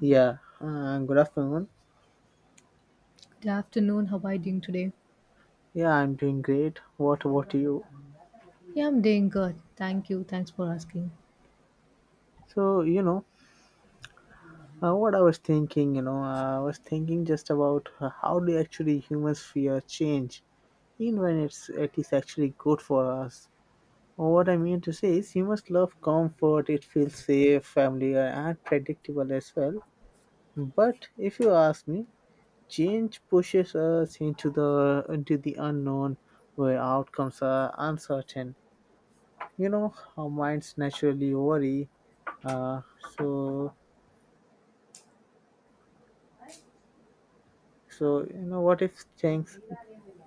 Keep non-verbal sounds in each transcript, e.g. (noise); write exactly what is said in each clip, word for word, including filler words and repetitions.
Yeah, uh, good afternoon. Good afternoon. How are you doing today? Yeah, I'm doing great. What about you? Yeah, I'm doing good. Thank you. Thanks for asking. So, you know, uh, what I was thinking, you know, uh, I was thinking just about uh, how do actually humans fear change, even when it's it is actually good for us. What I mean to say is, humans love comfort. It feels safe, familiar, and predictable as well. But if you ask me, change pushes us into the into the unknown, where outcomes are uncertain. You know, our minds naturally worry. uh, so so you know, what if things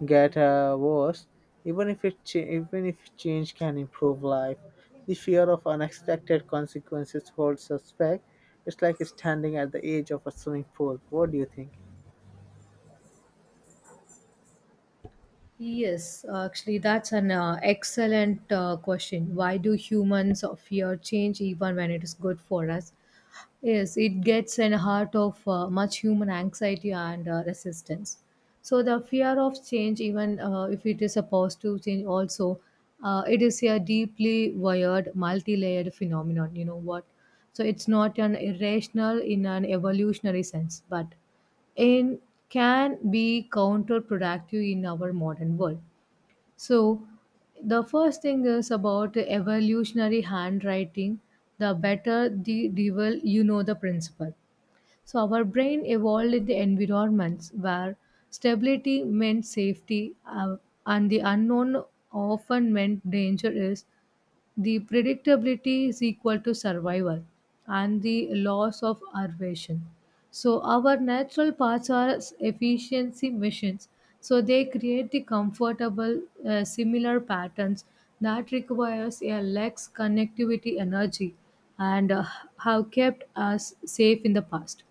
get uh, worse? Even if it ch- even if change can improve life, the fear of unexpected consequences holds us back. It's like standing at the edge of a swimming pool. What do you think? Yes, actually, that's an uh, excellent uh, question. Why do humans fear change even when it is good for us? Yes, it gets in the heart of uh, much human anxiety and uh, resistance. So the fear of change, even uh, if it is a positive change, also uh, it is a deeply wired, multi-layered phenomenon. You know what? So it's not an irrational in an evolutionary sense, but in can be counterproductive in our modern world. So, the first thing is about evolutionary handwriting. The better the devil, you know the principle. So, our brain evolved in the environments where stability meant safety, uh, and the unknown often meant danger is the predictability is equal to survival and the loss of innovation. So our natural paths are efficiency missions. So they create the comfortable, uh, similar patterns that requires a less connectivity energy and uh, have kept us safe in the past.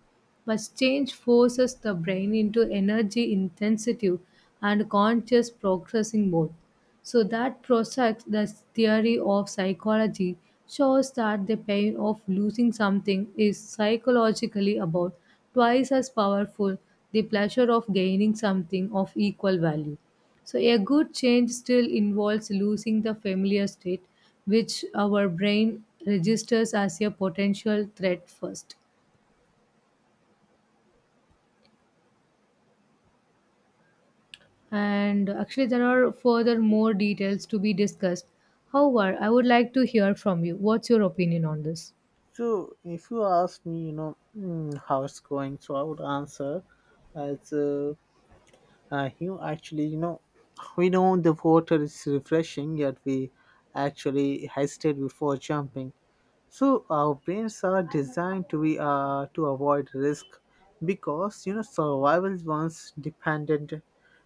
But change forces the brain into energy intensive and conscious processing mode. So that process, the theory of psychology, shows that the pain of losing something is psychologically about twice as powerful the pleasure of gaining something of equal value. So a good change still involves losing the familiar state which our brain registers as a potential threat first. And actually, there are further more details to be discussed. However, I would like to hear from you. What's your opinion on this? So if you ask me, you know, mm, how it's going, so I would answer as uh, Uh, you actually, you know, we know the water is refreshing, yet we actually hesitate before jumping. So our brains are designed to be uh, to avoid risk because, you know, survival once dependent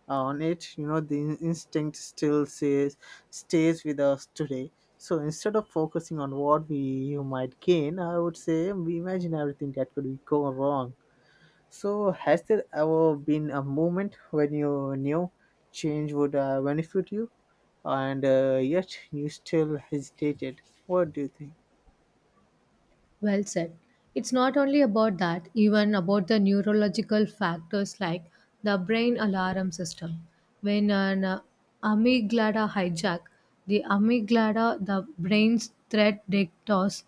on it. You know, the in- instinct still says, stays with us today. So instead of focusing on what we you might gain, I would say we imagine everything that could go wrong. So, has there ever been a moment when you knew change would uh, benefit you, and uh, yet you still hesitated? What do you think? Well said. It's not only about that, even about the neurological factors like the brain alarm system. When an uh, amygdala hijack, the amygdala, the brain's threat detectors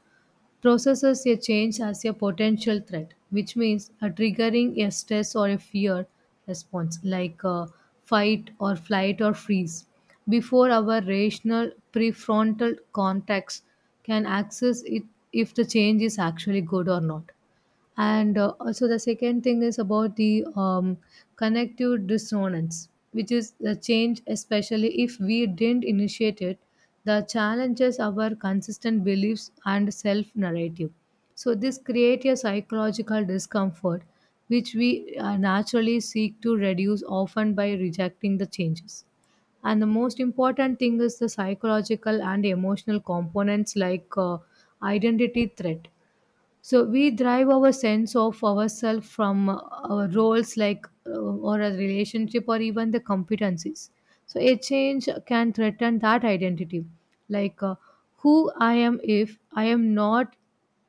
processes a change as a potential threat, which means a triggering a stress or a fear response like uh, fight or flight or freeze before our rational prefrontal cortex can access it if the change is actually good or not. And uh, also the second thing is about the um, connective dissonance, which is the change especially if we didn't initiate it, the challenges our consistent beliefs and self narrative. So this creates a psychological discomfort which we uh, naturally seek to reduce often by rejecting the changes. And the most important thing is the psychological and emotional components like uh, identity threat. So we derive our sense of ourselves from, uh, our roles, like uh, or a relationship, or even the competencies. So a change can threaten that identity, like uh, who I am if I am not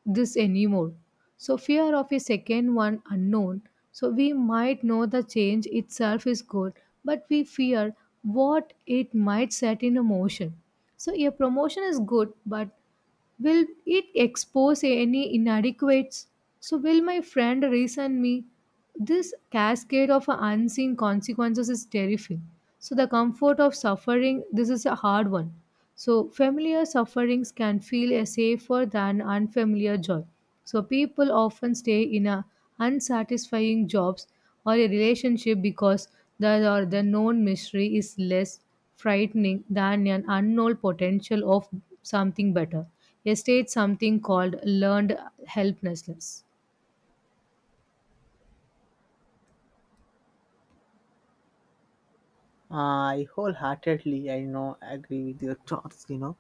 this anymore. So fear of a second one unknown. So we might know the change itself is good, but we fear what it might set in a motion. So a promotion is good, but will it expose any inadequates? So, will my friend reason me? This cascade of unseen consequences is terrifying. So, the comfort of suffering, this is a hard one. So, familiar sufferings can feel uh, safer than unfamiliar joy. So, people often stay in a unsatisfying jobs or a relationship because the, or the known mystery is less frightening than an unknown potential of something better. Yesterday, something called learned helplessness. I wholeheartedly, I know, agree with your thoughts. You know,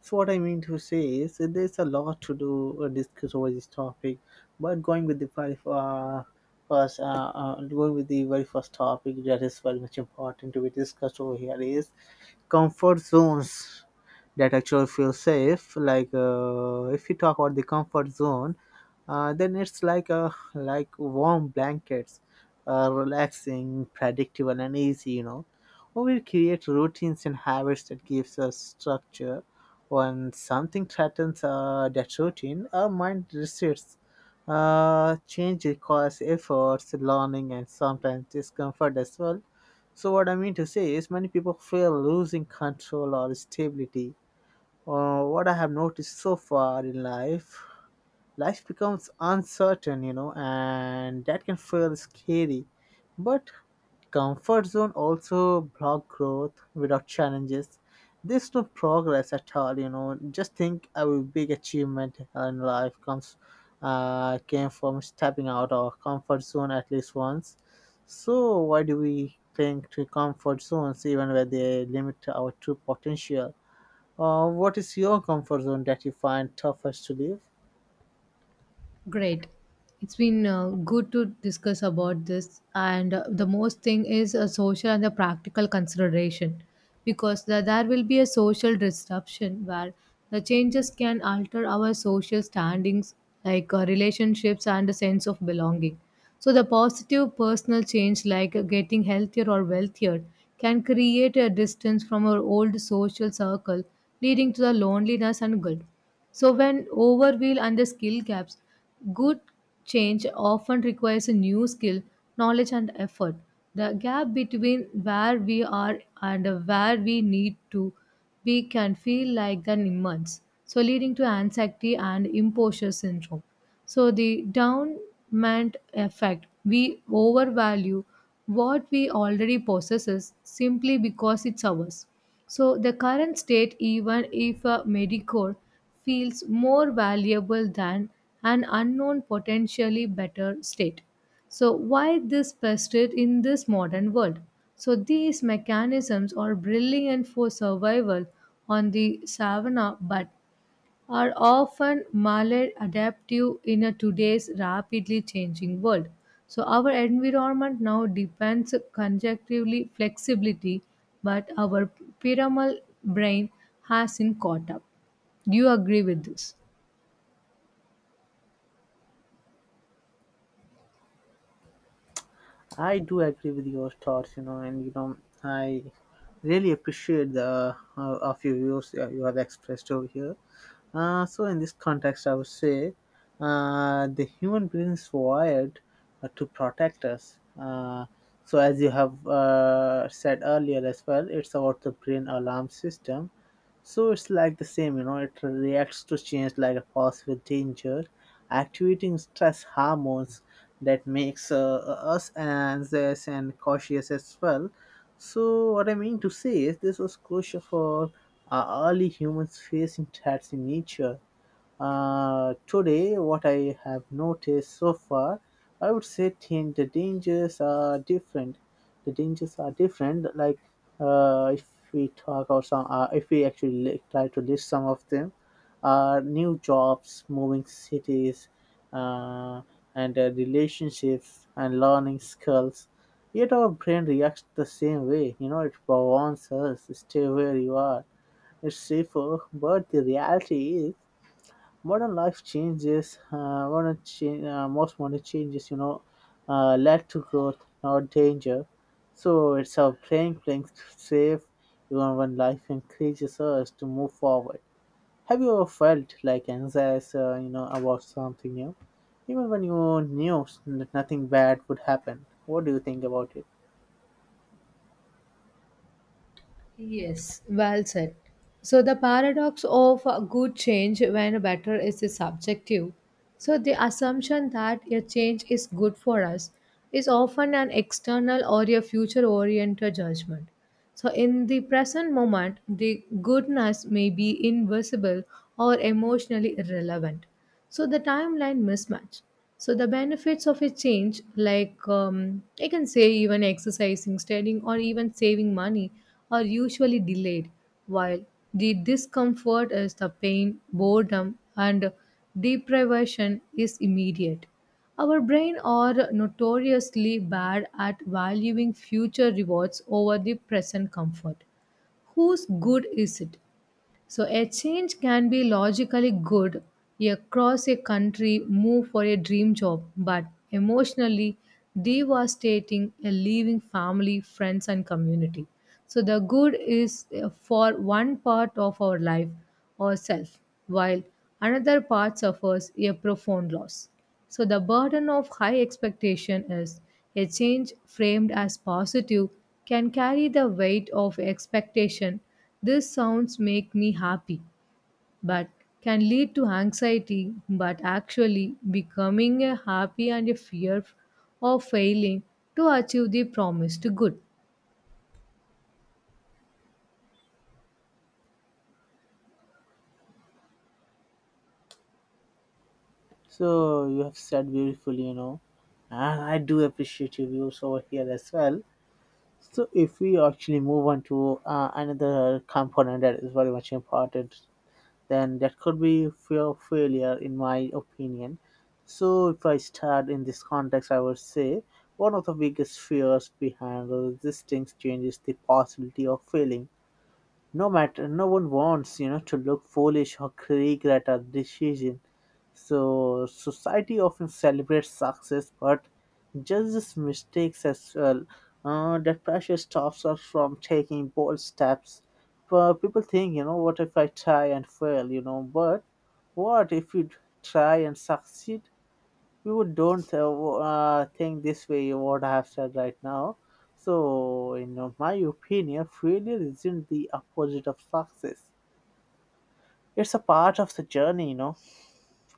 so what I mean to say is that there's a lot to do uh, discuss over this topic, but going with the very uh, first, uh, uh, going with the very first topic that is very much important to be discussed over here is comfort zones that actually feel safe. Like, uh, if you talk about the comfort zone, uh, then it's like a like warm blankets, uh, relaxing, predictable, and easy. You know, well, we will create routines and habits that gives us structure. When something threatens uh, that routine, our mind resists. Uh, change requires efforts, learning, and sometimes discomfort as well. So what I mean to say is many people fear losing control or stability. Uh, what I have noticed so far in life, life becomes uncertain, you know, and that can feel scary. But comfort zone also block growth. Without challenges, there's no progress at all, you know. Just think, our big achievement in life comes uh, came from stepping out of comfort zone at least once. So why do we cling to comfort zones even where they limit our true potential? Uh, what is your comfort zone that you find toughest to leave? Great. It's been uh, good to discuss about this. And uh, the most thing is a social and the practical consideration, because the, there will be a social disruption where the changes can alter our social standings like uh, relationships and a sense of belonging. So, the positive personal change, like uh, getting healthier or wealthier, can create a distance from our old social circle, leading to the loneliness and guilt. So, when overwheel and the skill gaps, good change often requires a new skill, knowledge, and effort. The gap between where we are and where we need to we can feel like the immense, so leading to anxiety and imposter syndrome. So the downment effect, we overvalue what we already possess simply because it's ours. So the current state, even if a Medicare feels more valuable than an unknown potentially better state. So, why this persisted in this modern world? So, these mechanisms are brilliant for survival on the savannah but are often maladaptive in a today's rapidly changing world. So, our environment now depends conjunctively flexibility, but our pyramidal brain hasn't caught up. Do you agree with this? I do agree with your thoughts, you know, and you know, I really appreciate the uh, of your views uh, you have expressed over here. Uh, so in this context, I would say uh, the human brain is wired uh, to protect us. Uh, so as you have uh, said earlier as well, it's about the brain alarm system, so it's like the same, you know, it reacts to change like a possible danger, activating stress hormones that makes uh, us anxious and cautious as well. So what I mean to say is this was crucial for uh, early humans facing threats in nature. Uh, today, what I have noticed so far, I would say, think the dangers are different. The dangers are different. Like, uh, if we talk about some, uh, if we actually li- try to list some of them, are new jobs, moving cities, uh, and uh, relationships and learning skills. Yet our brain reacts the same way. You know, it warns us, stay where you are. It's safer, but the reality is modern life changes uh, modern change, uh, most modern changes, you know, uh, led to growth, not danger. So it's our playing playing safe even when life encourages us to move forward. Have you ever felt like anxious, uh, you know, about something new even when you knew that nothing bad would happen? What do you think about it? Yes, well said. So, the paradox of uh, good change when better is subjective. So, the assumption that a change is good for us is often an external or a future oriented judgment. So, in the present moment, the goodness may be invisible or emotionally irrelevant. So, the timeline mismatch. So the benefits of a change, like um, I can say even exercising, studying, or even saving money, are usually delayed, while the discomfort is the pain, boredom, and deprivation is immediate. Our brain are notoriously bad at valuing future rewards over the present comfort. Whose good is it? So a change can be logically good, across a country move for a dream job, but emotionally devastating a leaving family, friends and community. So the good is uh, for one part of our life or self, while another part suffers a profound loss. So the burden of high expectation is a change framed as positive can carry the weight of expectation these sounds make me happy, but can lead to anxiety. But actually, becoming a happy and a fear of failing to achieve the promised good. So you have said beautifully, you know, and I do appreciate your views over here as well. So if we actually move on to uh, another component that is very much important, then that could be fear of failure, in my opinion. So if I start in this context, I would say one of the biggest fears behind resisting change is the possibility of failing. No matter no one wants, you know, to look foolish or regret a decision. So society often celebrates success but judges mistakes as well. Uh, that pressure stops us from taking bold steps. But people think, you know, what if I try and fail, you know? But what if you try and succeed? You don't uh, uh, think this way what I have said right now. So in uh, my opinion, failure isn't the opposite of success. It's a part of the journey, you know.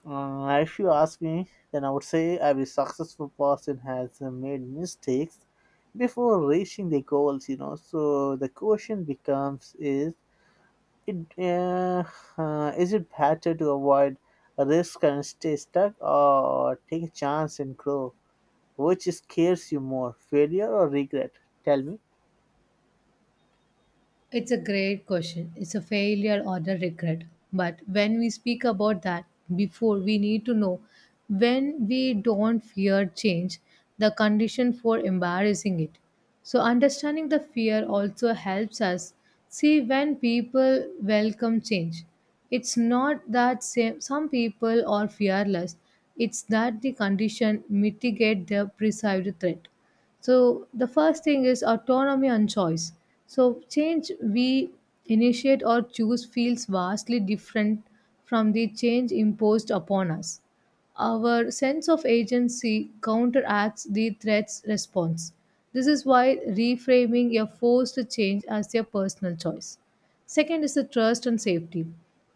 uh, If you ask me, then I would say every successful person has uh, made mistakes before reaching their goals, you know. So the question becomes, is it uh, uh, is it better to avoid risk and stay stuck or take a chance and grow? Which scares you more, failure or regret? Tell me. It's a great question. It's a failure or a regret. But when we speak about that before, we need to know when we don't fear change, the condition for embarrassing it. So, understanding the fear also helps us see when people welcome change. It's not that same, some people are fearless, it's that the condition mitigate the perceived threat. So the first thing is autonomy and choice. So change we initiate or choose feels vastly different from the change imposed upon us. Our sense of agency counteracts the threat's response. This is why reframing a forced change as a personal choice. Second is the trust and safety.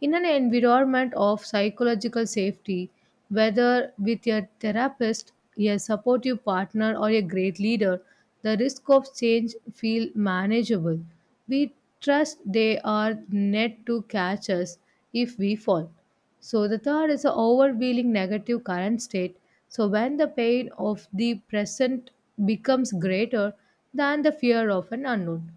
In an environment of psychological safety, whether with your therapist, a supportive partner, or a great leader, the risk of change feel manageable. We trust they are net to catch us if we fall. So the third is the overwhelming negative current state. So when the pain of the present becomes greater than the fear of an unknown.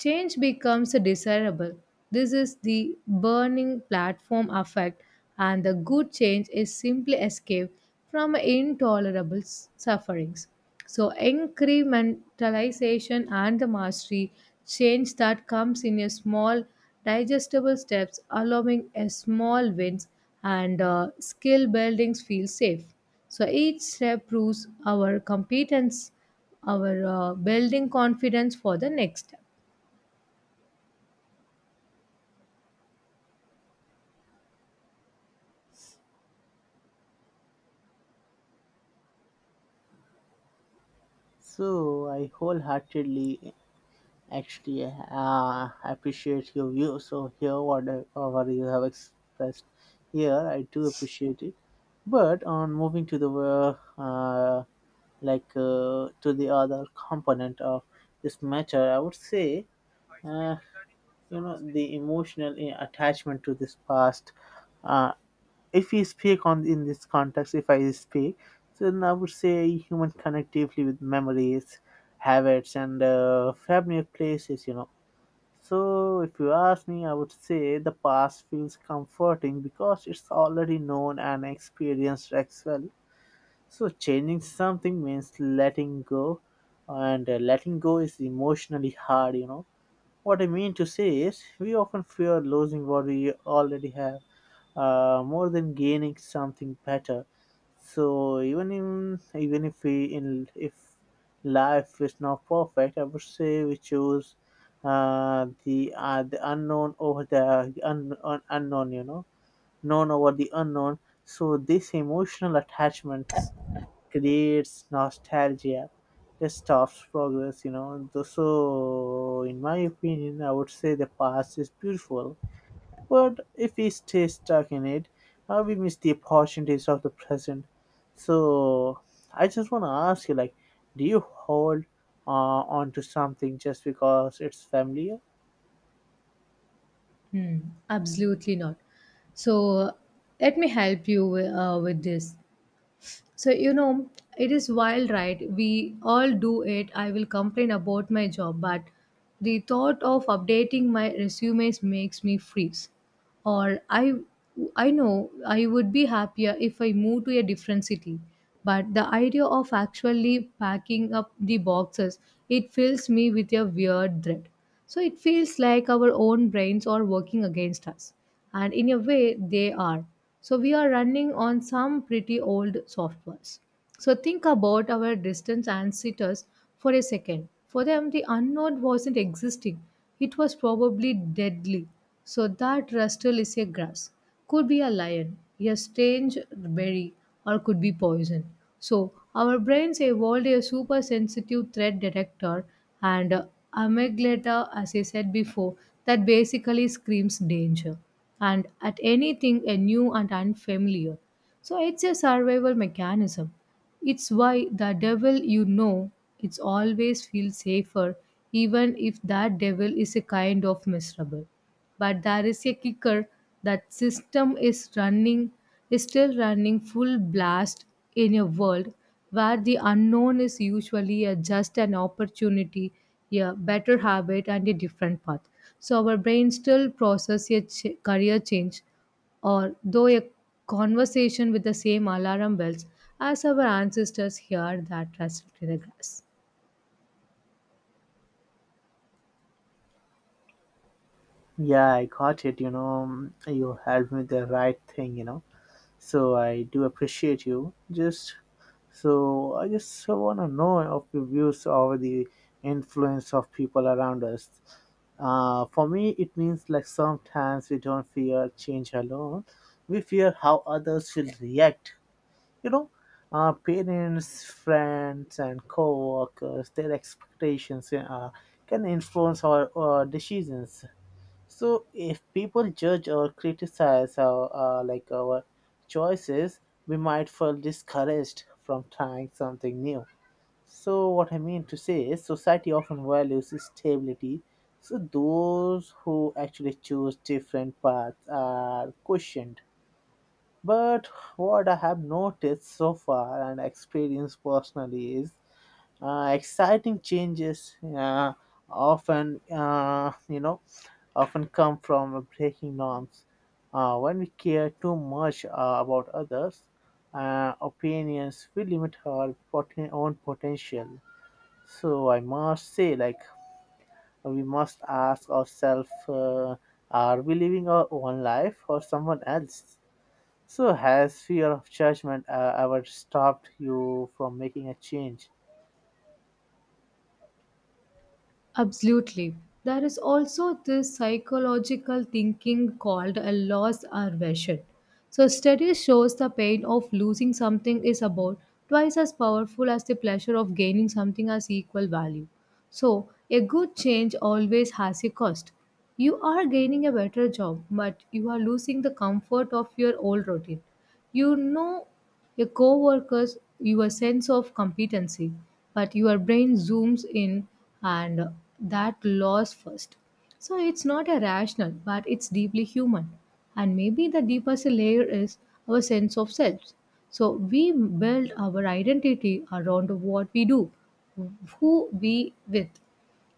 Change becomes desirable. This is the burning platform effect, and the good change is simply escape from intolerable s- sufferings. So, incrementalization and the mastery change that comes in a small, digestible steps, allowing a small wins and uh, skill buildings feel safe. So, each step proves our competence, our uh, building confidence for the next step. So I wholeheartedly actually uh, appreciate your view. So here, whatever you have expressed here, I do appreciate it. But on moving to the uh, uh, like uh, to the other component of this matter, I would say, uh, you know, the emotional eh, attachment to this past. Uh, if we speak on, in this context, if I speak, then I would say human connectively with memories, habits, and uh, familiar places, you know. So if you ask me, I would say the past feels comforting because it's already known and experienced as well. So changing something means letting go, and uh, letting go is emotionally hard, you know. What I mean to say is, we often fear losing what we already have uh, more than gaining something better. So even in, even if we in if life is not perfect, I would say we choose uh, the uh, the unknown over the un, un, unknown. You know, known over the unknown. So this emotional attachments creates nostalgia that stops progress, you know. Th- so in my opinion, I would say the past is beautiful, but if we stay stuck in it, uh, we miss the opportunities of the present. So I just want to ask you, like, do you hold uh, on to something just because it's familiar? Hmm, absolutely not. So let me help you uh, with this. So, you know, it is wild, right? We all do it. I will complain about my job, but the thought of updating my resumes makes me freeze. Or I I know I would be happier if I moved to a different city, but the idea of actually packing up the boxes, it fills me with a weird dread. So it feels like our own brains are working against us, and in a way they are. So we are running on some pretty old softwares. So think about our distance ancestors for a second. For them the unknown wasn't existing, it was probably deadly. So that rustle is a grass could be a lion, a strange berry, or could be poison. So, our brains evolved a super sensitive threat detector and, uh, amygdala, as I said before, that basically screams danger and at anything a new and unfamiliar. So, it's a survival mechanism. It's why the devil you know it's always feels safer even if that devil is a kind of miserable. But there is a kicker. That system is running, is still running full blast in a world where the unknown is usually a, just an opportunity, a better habit and a different path. So our brain still process a ch- career change or though a conversation with the same alarm bells as our ancestors hear that rustled in the grass. Yeah, I got it, you know. You helped me the right thing, you know. So I do appreciate you. Just, so I just want to know of your views over the influence of people around us. Uh, for me, it means, like, sometimes we don't fear change alone. We fear how others will react. You know, our parents, friends, and co-workers, their expectations uh, can influence our uh, decisions. So if people judge or criticize our uh, like our choices, we might feel discouraged from trying something new. So what I mean to say is society often values stability. So those who actually choose different paths are questioned. But what I have noticed so far and experienced personally is, uh, exciting changes uh, often uh, you know often come from breaking norms. Uh, when we care too much uh, about others' uh, opinions, we limit our poten- own potential. So I must say, like, we must ask ourselves, uh, are we living our own life or someone else? So has fear of judgment uh, ever stopped you from making a change? Absolutely. There is also this psychological thinking called a loss aversion. So study shows the pain of losing something is about twice as powerful as the pleasure of gaining something as equal value. So a good change always has a cost. You are gaining a better job, but you are losing the comfort of your old routine. You know your coworkers, your sense of competency, but your brain zooms in and that loss first. So it's not irrational, but it's deeply human. And maybe the deepest layer is our sense of self. So we build our identity around what we do, who we with,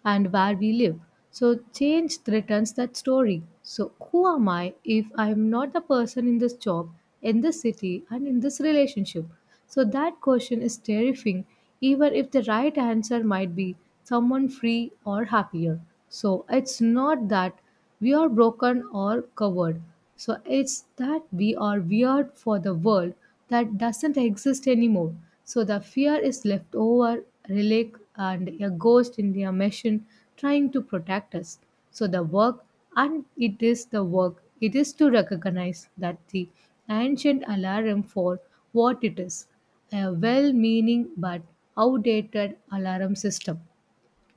and where we live. So change threatens that story. So who am I if I am not the person in this job, in this city, and in this relationship? So that question is terrifying, even if the right answer might be someone free or happier. So it's not that we are broken or covered. So it's that we are weird for the world that doesn't exist anymore. So the fear is left over, relic, and a ghost in the machine trying to protect us. So the work, and it is the work, it is to recognize that the ancient alarm for what it is a well meaning but outdated alarm system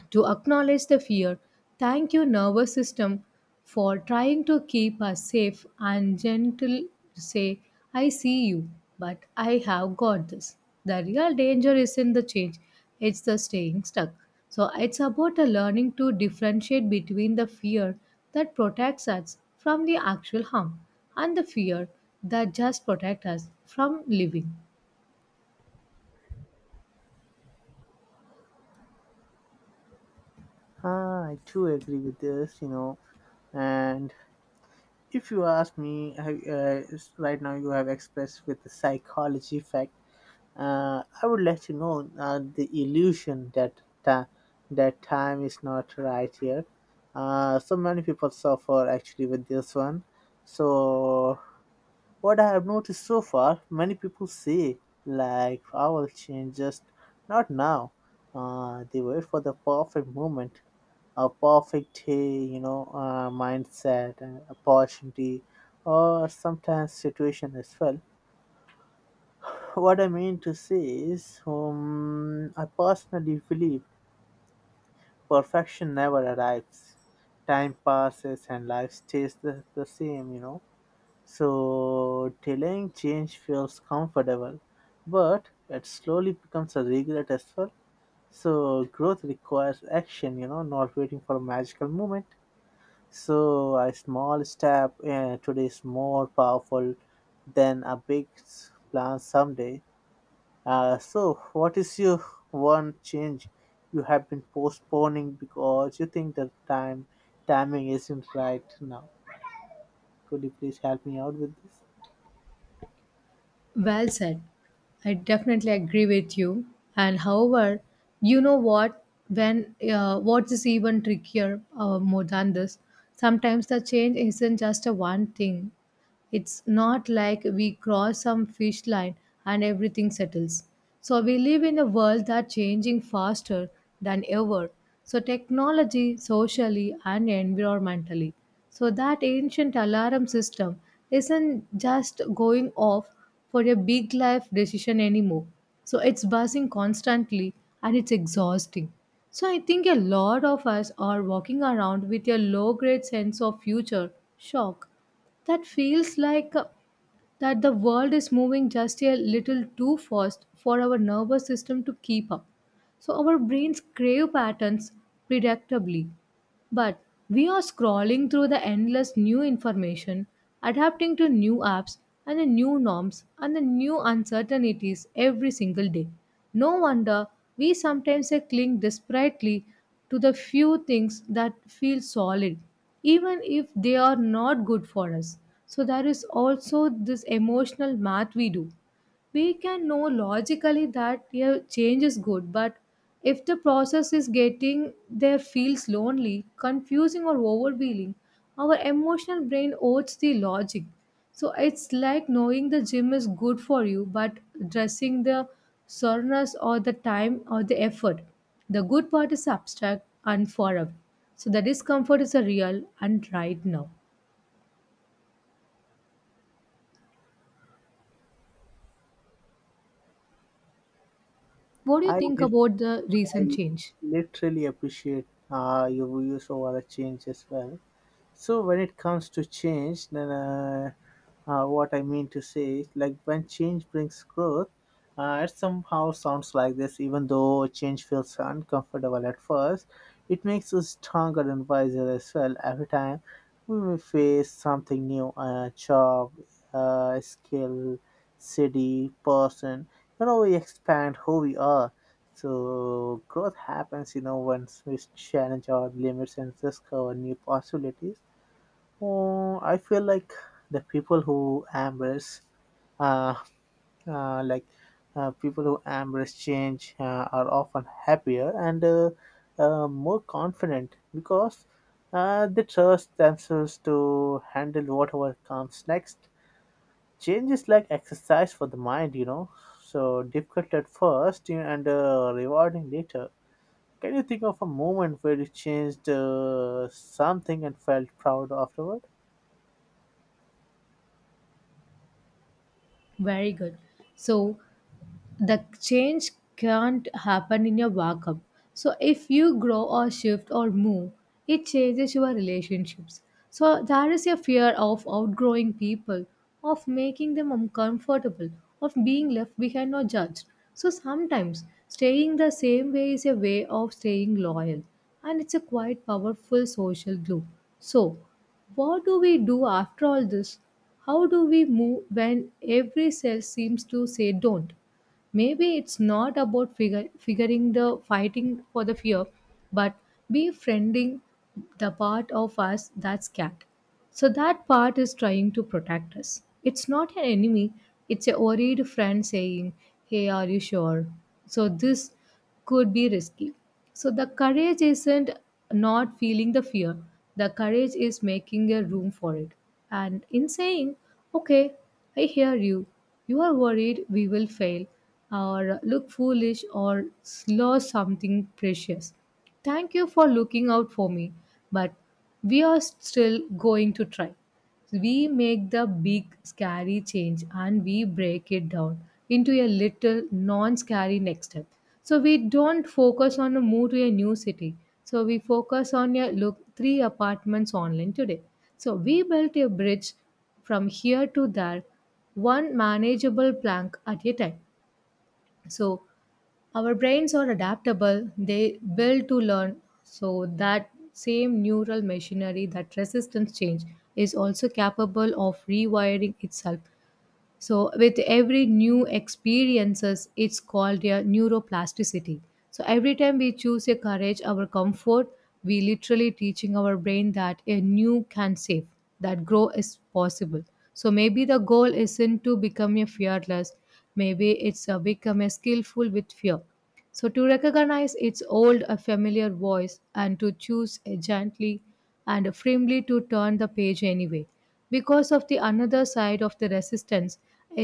to acknowledge the fear. Thank you, nervous system, for trying to keep us safe and gentle. Say, I see you, but I have got this. The real danger isn't the change, it's the staying stuck. So, it's about the learning to differentiate between the fear that protects us from the actual harm and the fear that just protects us from living. Ah, I too agree with this, you know. And if you ask me, I, uh, s- right now you have expressed with the psychology fact. Uh, I would let you know uh, the illusion that ta- that time is not right here. Uh, so many people suffer actually with this one. So what I have noticed so far, many people say, like, I will change, just not now. Uh, they wait for the perfect moment, a perfect day, you know, uh, mindset, and opportunity, or sometimes situation as well. (laughs) What I mean to say is, um, I personally believe perfection never arrives. Time passes and life stays the, the same, you know. So delaying change feels comfortable, but it slowly becomes a regret as well. So growth requires action, you know, not waiting for a magical moment. So a small step uh, today is more powerful than a big s- plan someday. Uh, so what is your one change you have been postponing because you think the time timing isn't right now? Could you please help me out with this? Well said. I definitely agree with you. And however, you know what? When uh, what is even trickier uh, more than this? Sometimes the change isn't just a one thing. It's not like we cross some fish line and everything settles. So we live in a world that's changing faster than ever. So technology, socially and environmentally. So that ancient alarm system isn't just going off for a big life decision anymore. So it's buzzing constantly and it's exhausting. So I think a lot of us are walking around with a low grade sense of future shock that feels like uh, that the world is moving just a little too fast for our nervous system to keep up. So our brains crave patterns predictably, but we are scrolling through the endless new information, adapting to new apps and the new norms and the new uncertainties every single day. No wonder we sometimes cling desperately to the few things that feel solid, even if they are not good for us. So, there is also this emotional math we do. We can know logically that yeah, change is good, but if the process is getting there feels lonely, confusing, or overwhelming, our emotional brain owes the logic. So it's like knowing the gym is good for you, but dressing the soreness or the time or the effort. The good part is abstract and far away. So the discomfort is a real and right now. What do you I think did, about the recent I change? literally appreciate uh, your views over a change as well. So when it comes to change, then uh, uh, what I mean to say is, like, when change brings growth, uh, it somehow sounds like this, even though change feels uncomfortable at first, it makes us stronger and wiser as well. Every time we may face something new, a job, uh, skill, city, person, you know, we expand who we are. So, growth happens, you know, once we challenge our limits and discover new possibilities. uh, I feel like the people who embrace, uh, uh, like uh, people who embrace change uh, are often happier and uh, uh, more confident because uh, they trust themselves to handle whatever comes next. Change is like exercise for the mind, you know. So difficult at first, and uh, rewarding later. Can you think of a moment where you changed uh, something and felt proud afterward? Very good. So the change can't happen in your vacuum. So if you grow or shift or move, it changes your relationships. So there is a fear of outgrowing people, of making them uncomfortable, of being left behind or judged. So sometimes staying the same way is a way of staying loyal and it's a quite powerful social glue. So what do we do after all this? How do we move when every cell seems to say don't? Maybe it's not about figure, figuring the fighting for the fear but befriending the part of us that's scared. So that part is trying to protect us, it's not an enemy, it's a worried friend saying, hey, are you sure? So this could be risky. So the courage isn't not feeling the fear, the courage is making a room for it and in saying, okay, I hear you, you are worried we will fail or look foolish or lose something precious. Thank you for looking out for me, but we are still going to try. We make the big scary change and we break it down into a little non scary next step. So we don't focus on a move to a new city. So we focus on a look three apartments online today. So we built a bridge from here to there, one manageable plank at a time. So our brains are adaptable, they build to learn. So that same neural machinery, that resistance change, is also capable of rewiring itself, so with every new experiences it's called a neuroplasticity. So every time we choose a courage our comfort, we literally teaching our brain that a new can save, that grow is possible. So maybe the goal isn't to become a fearless, maybe it's a become a skillful with fear. So to recognize its old a familiar voice and to choose a gently and firmly to turn the page anyway, because of the another side of the resistance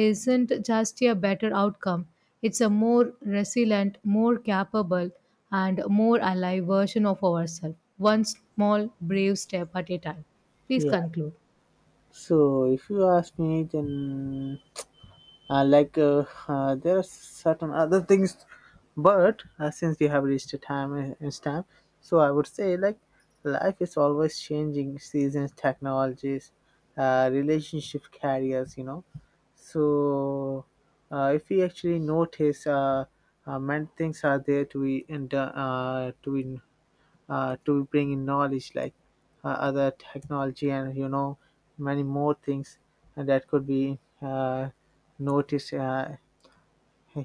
isn't just a better outcome, it's a more resilient, more capable, and more alive version of ourselves, one small brave step at a time. Please Yeah. conclude. So, if you ask me, then uh, like uh, uh, there are certain other things, but uh, since we have reached a time and and stamp, so I would say, like, life is always changing, seasons, technologies, uh, relationship, careers, you know. So, uh, if we actually notice, uh, uh, many things are there to be, and uh, to be, uh, to bring in knowledge, like uh, other technology, and you know, many more things that could be uh, noticed uh,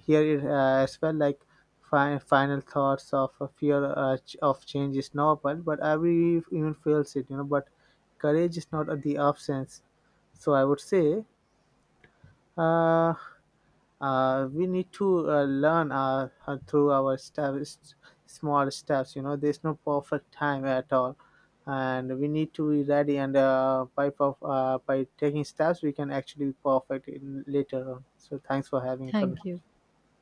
here, uh, as well, like fi- final thoughts of a fear, uh, ch- of change is normal, but every human feels it, you know, but courage is not the absence. So I would say, uh, uh, we need to uh, learn uh, uh, through our steps, small steps. You know, there's no perfect time at all, and we need to be ready. And uh, by perf- uh, by taking steps, we can actually be perfect in later on. So, thanks for having a Thank conversation. you.